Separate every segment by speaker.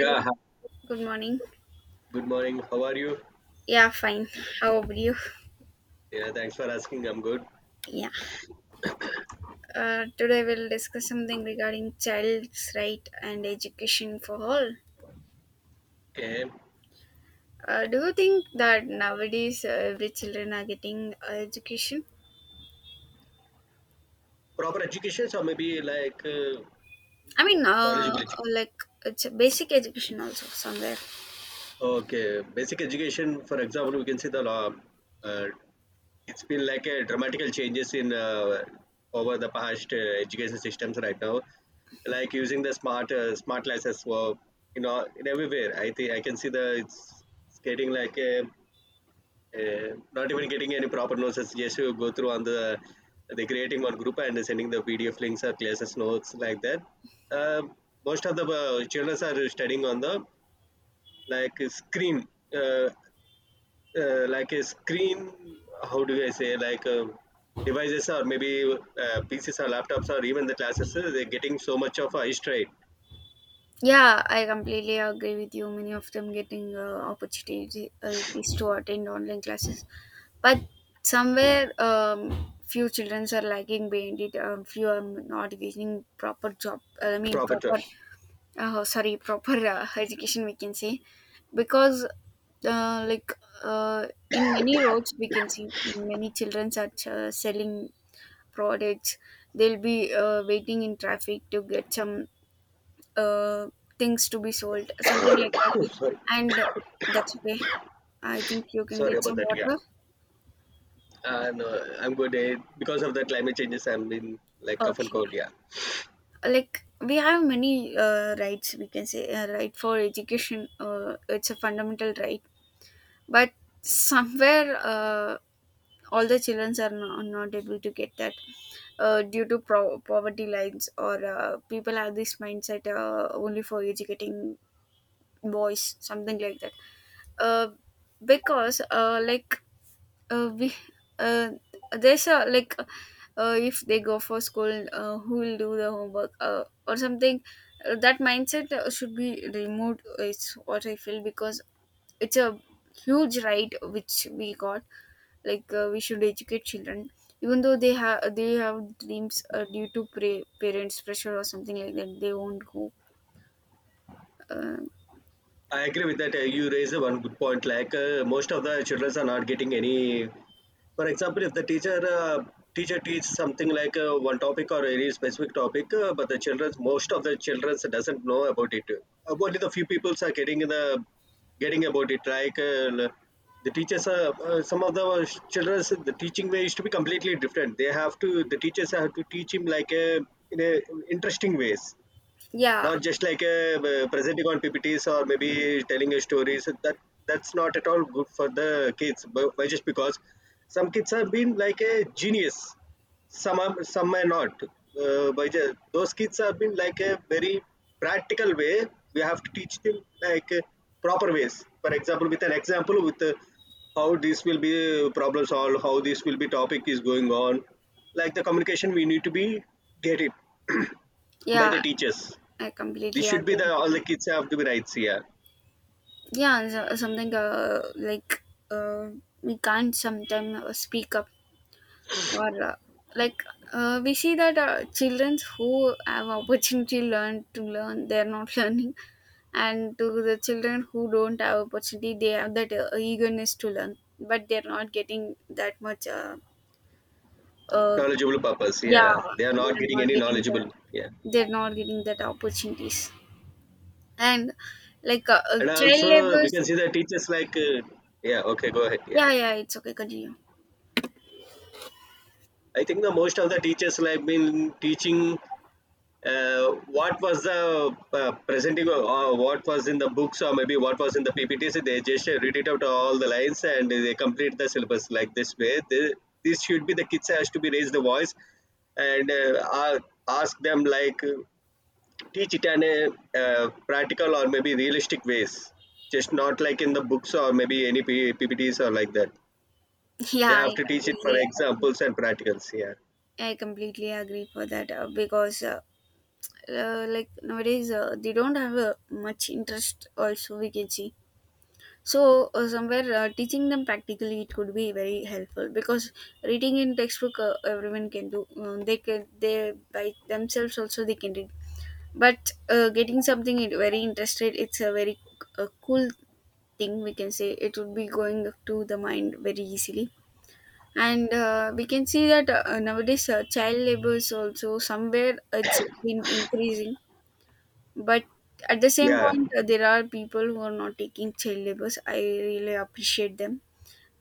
Speaker 1: Hi,
Speaker 2: hi.
Speaker 1: good morning.
Speaker 2: Good morning. How are you?
Speaker 1: Yeah, fine. How about you?
Speaker 2: Yeah, thanks for asking. I'm good.
Speaker 1: Yeah. Today we'll discuss something regarding child's right and education for all.
Speaker 2: Okay.
Speaker 1: Do you think that nowadays every children are getting education?
Speaker 2: Proper education, or maybe like
Speaker 1: I mean,
Speaker 2: knowledgeable education.
Speaker 1: like, it's a basic education also somewhere.
Speaker 2: Okay. Basic education, for example, we can see the law. Uh, it's been like a dramatical changes in over the past education systems right now. Like using the smart smart classes for you know in everywhere. I think I can see it's getting like a not even getting any proper notes. Yes, you go through on the creating one group and sending the PDF links or classes notes like that. Um Most of the children are studying on the like a screen, uh, like a screen. How do I say like devices or maybe PCs or laptops or even the classes? They're getting so much of a history
Speaker 1: Yeah, I completely agree with you. Many of them getting opportunities is to attend online classes, but somewhere few children are lagging behind it. Few are not getting proper job. I mean
Speaker 2: proper
Speaker 1: proper,
Speaker 2: term.
Speaker 1: sorry, proper education, we can say. Because like, in many roads we can see many children are selling products. They'll be waiting in traffic to get some uh, things to be sold, something like that.
Speaker 2: Sorry,
Speaker 1: And that's okay. I think you can
Speaker 2: sorry
Speaker 1: get
Speaker 2: about
Speaker 1: some
Speaker 2: that. Yeah,
Speaker 1: water.
Speaker 2: and I'm good because of the climate changes. I'm in like cough and
Speaker 1: Okay.
Speaker 2: cold. Yeah.
Speaker 1: Like, we have many rights. We can say right for education. It's a fundamental right, but somewhere all the children are not able to get that, due to poverty lines, or people have this mindset only for educating boys, something like that. uh, because like, we, uh, there's a like, if they go for school, who will do the homework, or something, that mindset should be removed, is what I feel. Because it's a huge right which we got. Like, we should educate children, even though they have dreams. Due to parents pressure or something like that, they won't go. uh,
Speaker 2: I agree with that. You raised one good point. Like most of the children are not getting any. For example, if the teacher teaches something like one topic or any specific topic, but the children, most of the children doesn't know about it. Only the few people are getting the getting about it. Like the teachers are some of the children. The teaching way used to be completely different. They have to the teachers have to teach him like in a interesting ways
Speaker 1: yeah,
Speaker 2: not just like presenting on PPTs or maybe telling a stories. That's not at all good for the kids. But just because some kids have been like a genius, some are not. But those kids have been like a very practical way. We have to teach them like proper ways. For example, with an example with. How this will be problem solved, how this will be topic is going on. Like the communication, we need to be get it by
Speaker 1: yeah,
Speaker 2: the teachers.
Speaker 1: I
Speaker 2: This
Speaker 1: completely
Speaker 2: should be
Speaker 1: agree
Speaker 2: the
Speaker 1: with
Speaker 2: all the
Speaker 1: you.
Speaker 2: kids have to be rights. Yeah,
Speaker 1: Yeah, and something, like, uh, we can't sometimes speak up, or like, we see that children who have opportunity learn to learn, they're not learning. And to the children who don't have opportunity, they have that eagerness to learn, but they're not getting that much. Uh,
Speaker 2: knowledgeable purpose.
Speaker 1: yeah,
Speaker 2: Yeah, they are not
Speaker 1: they're
Speaker 2: getting
Speaker 1: not
Speaker 2: any
Speaker 1: getting
Speaker 2: knowledgeable. Yeah,
Speaker 1: that opportunities. And, like,
Speaker 2: and
Speaker 1: child
Speaker 2: also we can
Speaker 1: labors.
Speaker 2: see the teachers like yeah. Okay, go ahead. Yeah,
Speaker 1: Yeah, yeah, it's okay, continue.
Speaker 2: I think the most of the teachers like been teaching. Uh, what was the presenting or what was in the books or maybe what was in the PPTs? They just read it out all the lines and they complete the syllabus like this way. This should be the kids has to be raise the voice and ask them like teach it in a practical or maybe realistic ways just not like in the books or maybe any ppts or like that
Speaker 1: Yeah,
Speaker 2: they have
Speaker 1: I
Speaker 2: to teach it for
Speaker 1: completely
Speaker 2: examples
Speaker 1: agree.
Speaker 2: and practicals yeah
Speaker 1: I completely agree for that, because, like, nowadays they don't have much interest also, we can see. So somewhere teaching them practically it could be very helpful, because reading in textbook everyone can do. They can they by themselves also they can read. But getting something very interested, it's a very cool thing, we can say. It would be going to the mind very easily. And we can see that nowadays child labor is also somewhere it's been increasing, but at the same
Speaker 2: yeah
Speaker 1: point there are people who are not taking child labors, I really appreciate them.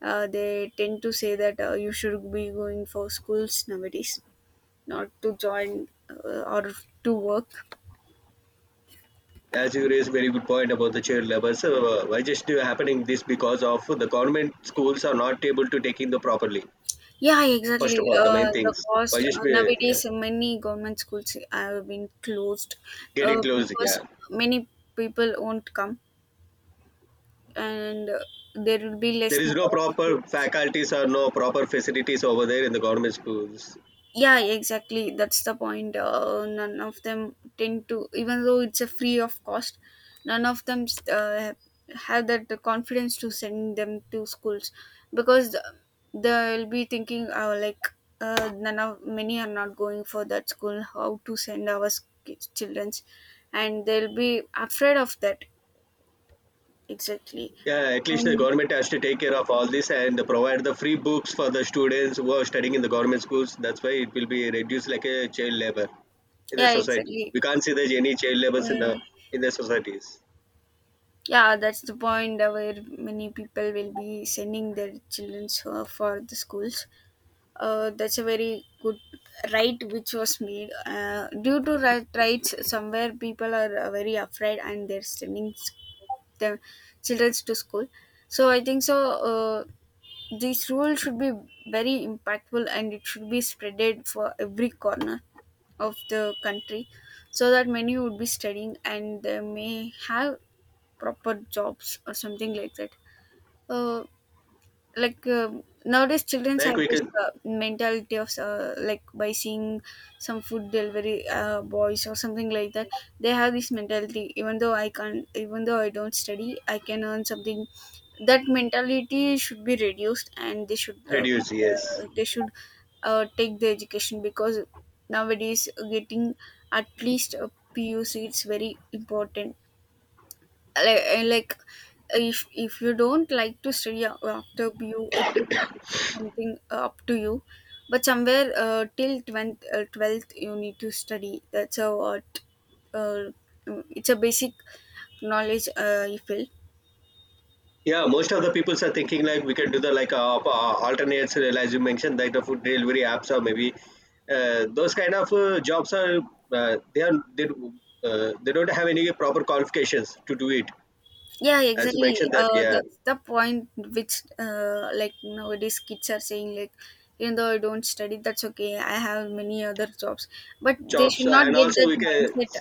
Speaker 1: They tend to say that you should be going for schools nowadays, not to join or to work.
Speaker 2: as you raised very good point about the child labor so why just do happening this because of the government schools are not able to take in the properly
Speaker 1: Yeah,
Speaker 2: first
Speaker 1: exactly.
Speaker 2: of all the main
Speaker 1: The
Speaker 2: things why
Speaker 1: cost,
Speaker 2: just be yeah,
Speaker 1: nowadays many government schools have been closed,
Speaker 2: getting close
Speaker 1: because
Speaker 2: yeah
Speaker 1: many people won't come, and there will be
Speaker 2: there
Speaker 1: less
Speaker 2: is
Speaker 1: number
Speaker 2: no
Speaker 1: of
Speaker 2: proper
Speaker 1: students.
Speaker 2: faculties or no proper facilities over there in the government schools.
Speaker 1: Yeah, exactly. That's the point. None of them tend to, even though it's a free of cost, none of them uh, have that confidence to send them to schools, because they'll be thinking, like, none of many are not going for that school. How to send our kids, childrens, and they'll be afraid of that. Exactly.
Speaker 2: Yeah, at least the
Speaker 1: And
Speaker 2: government has to take care of all this and provide the free books for the students who are studying in the government schools. That's why it will be reduced like a child labor in the
Speaker 1: yeah,
Speaker 2: society.
Speaker 1: exactly.
Speaker 2: We can't see there's any child labors
Speaker 1: Uh,
Speaker 2: in the societies.
Speaker 1: Yeah, that's the point where many people will be sending their children for the schools. That's a very good right which was made. Due to rights, somewhere people are very afraid, and they're sending their children to school. So I think so. This rule should be very impactful, and it should be spreaded for every corner of the country, so that many would be studying and they may have proper jobs or something like that. Uh, like uh, nowadays, children have
Speaker 2: Like we
Speaker 1: this
Speaker 2: can
Speaker 1: mentality of, like, by seeing some food delivery boys or something like that. They have this mentality. Even though I can't, even though I don't study, I can earn something. That mentality should be reduced, and they should uh,
Speaker 2: reduce, yes.
Speaker 1: uh, they should uh, take the education. Because nowadays getting at least a PUC it's very important, like, like, if you don't like to study after BU, it's, okay, it's something up to you. But somewhere till 12th, 12th, you need to study. That's a what, uh, it's a basic knowledge you feel.
Speaker 2: Yeah, most of the peoples are thinking like we can do the like alternates, as you mentioned, like the food delivery apps or maybe those kind of jobs are uh, they are they, they don't have any proper qualifications to do it.
Speaker 1: Yeah,
Speaker 2: As you
Speaker 1: exactly.
Speaker 2: mentioned that, yeah
Speaker 1: That's the point which, like, nowadays kids are saying, like, even though I don't study, that's okay, I have many other jobs. But they
Speaker 2: jobs
Speaker 1: should not
Speaker 2: and
Speaker 1: get
Speaker 2: also
Speaker 1: that
Speaker 2: we can
Speaker 1: mindset.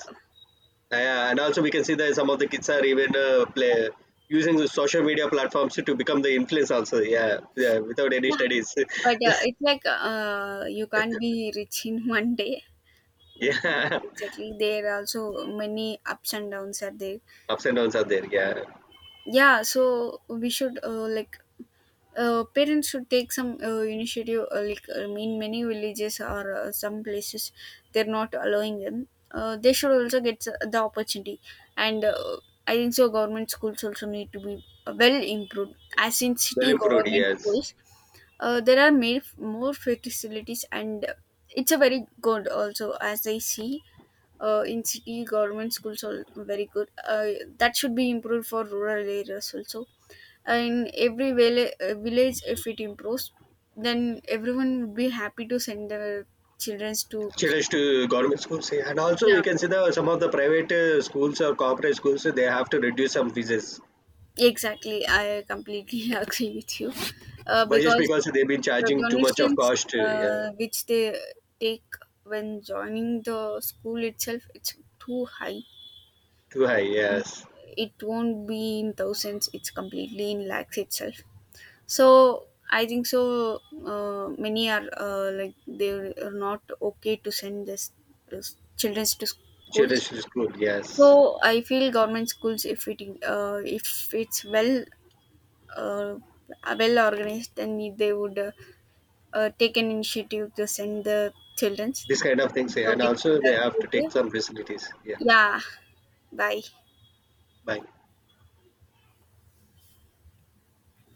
Speaker 2: yeah, and also we can see that some of the kids are even play using the social media platforms to become the influence also yeah yeah without any studies
Speaker 1: But it's like, you can't be rich in one day.
Speaker 2: yeah
Speaker 1: Exactly. There are also many ups and downs are there.
Speaker 2: ups and downs are there yeah
Speaker 1: Yeah, so we should like parents should take some initiative, like, in many villages or some places they're not allowing them. They should also get the opportunity. And I think so, government schools also need to be well improved as in
Speaker 2: well
Speaker 1: city
Speaker 2: improved
Speaker 1: government
Speaker 2: yes
Speaker 1: schools. There are made more facilities, and it's a very good, also, as I see. In city government schools are very good. That should be improved for rural areas also. In every village, if it improves, then everyone would be happy to send their children to.
Speaker 2: children to government schools yeah. And also
Speaker 1: Yeah,
Speaker 2: we can see that some of the private schools or corporate schools they have to reduce some fees
Speaker 1: exactly, I completely agree with you.
Speaker 2: why just
Speaker 1: Because
Speaker 2: because they've been
Speaker 1: the
Speaker 2: charging too much of
Speaker 1: donations,
Speaker 2: cost yeah
Speaker 1: which they take when joining the school itself, it's too high.
Speaker 2: too high yes
Speaker 1: It won't be in thousands, it's completely in lakhs itself. So I think so. Many are, like, they are not okay to send this childrens to schools.
Speaker 2: children to school
Speaker 1: So
Speaker 2: yes
Speaker 1: I feel government schools, if it's well, uh, well organized, then they would take an initiative to send the childrens.
Speaker 2: this kind
Speaker 1: I
Speaker 2: of
Speaker 1: think
Speaker 2: things yeah,
Speaker 1: so.
Speaker 2: and
Speaker 1: We can
Speaker 2: also they have to
Speaker 1: conclude
Speaker 2: take
Speaker 1: here.
Speaker 2: some facilities yeah
Speaker 1: Yeah. Bye.
Speaker 2: bye.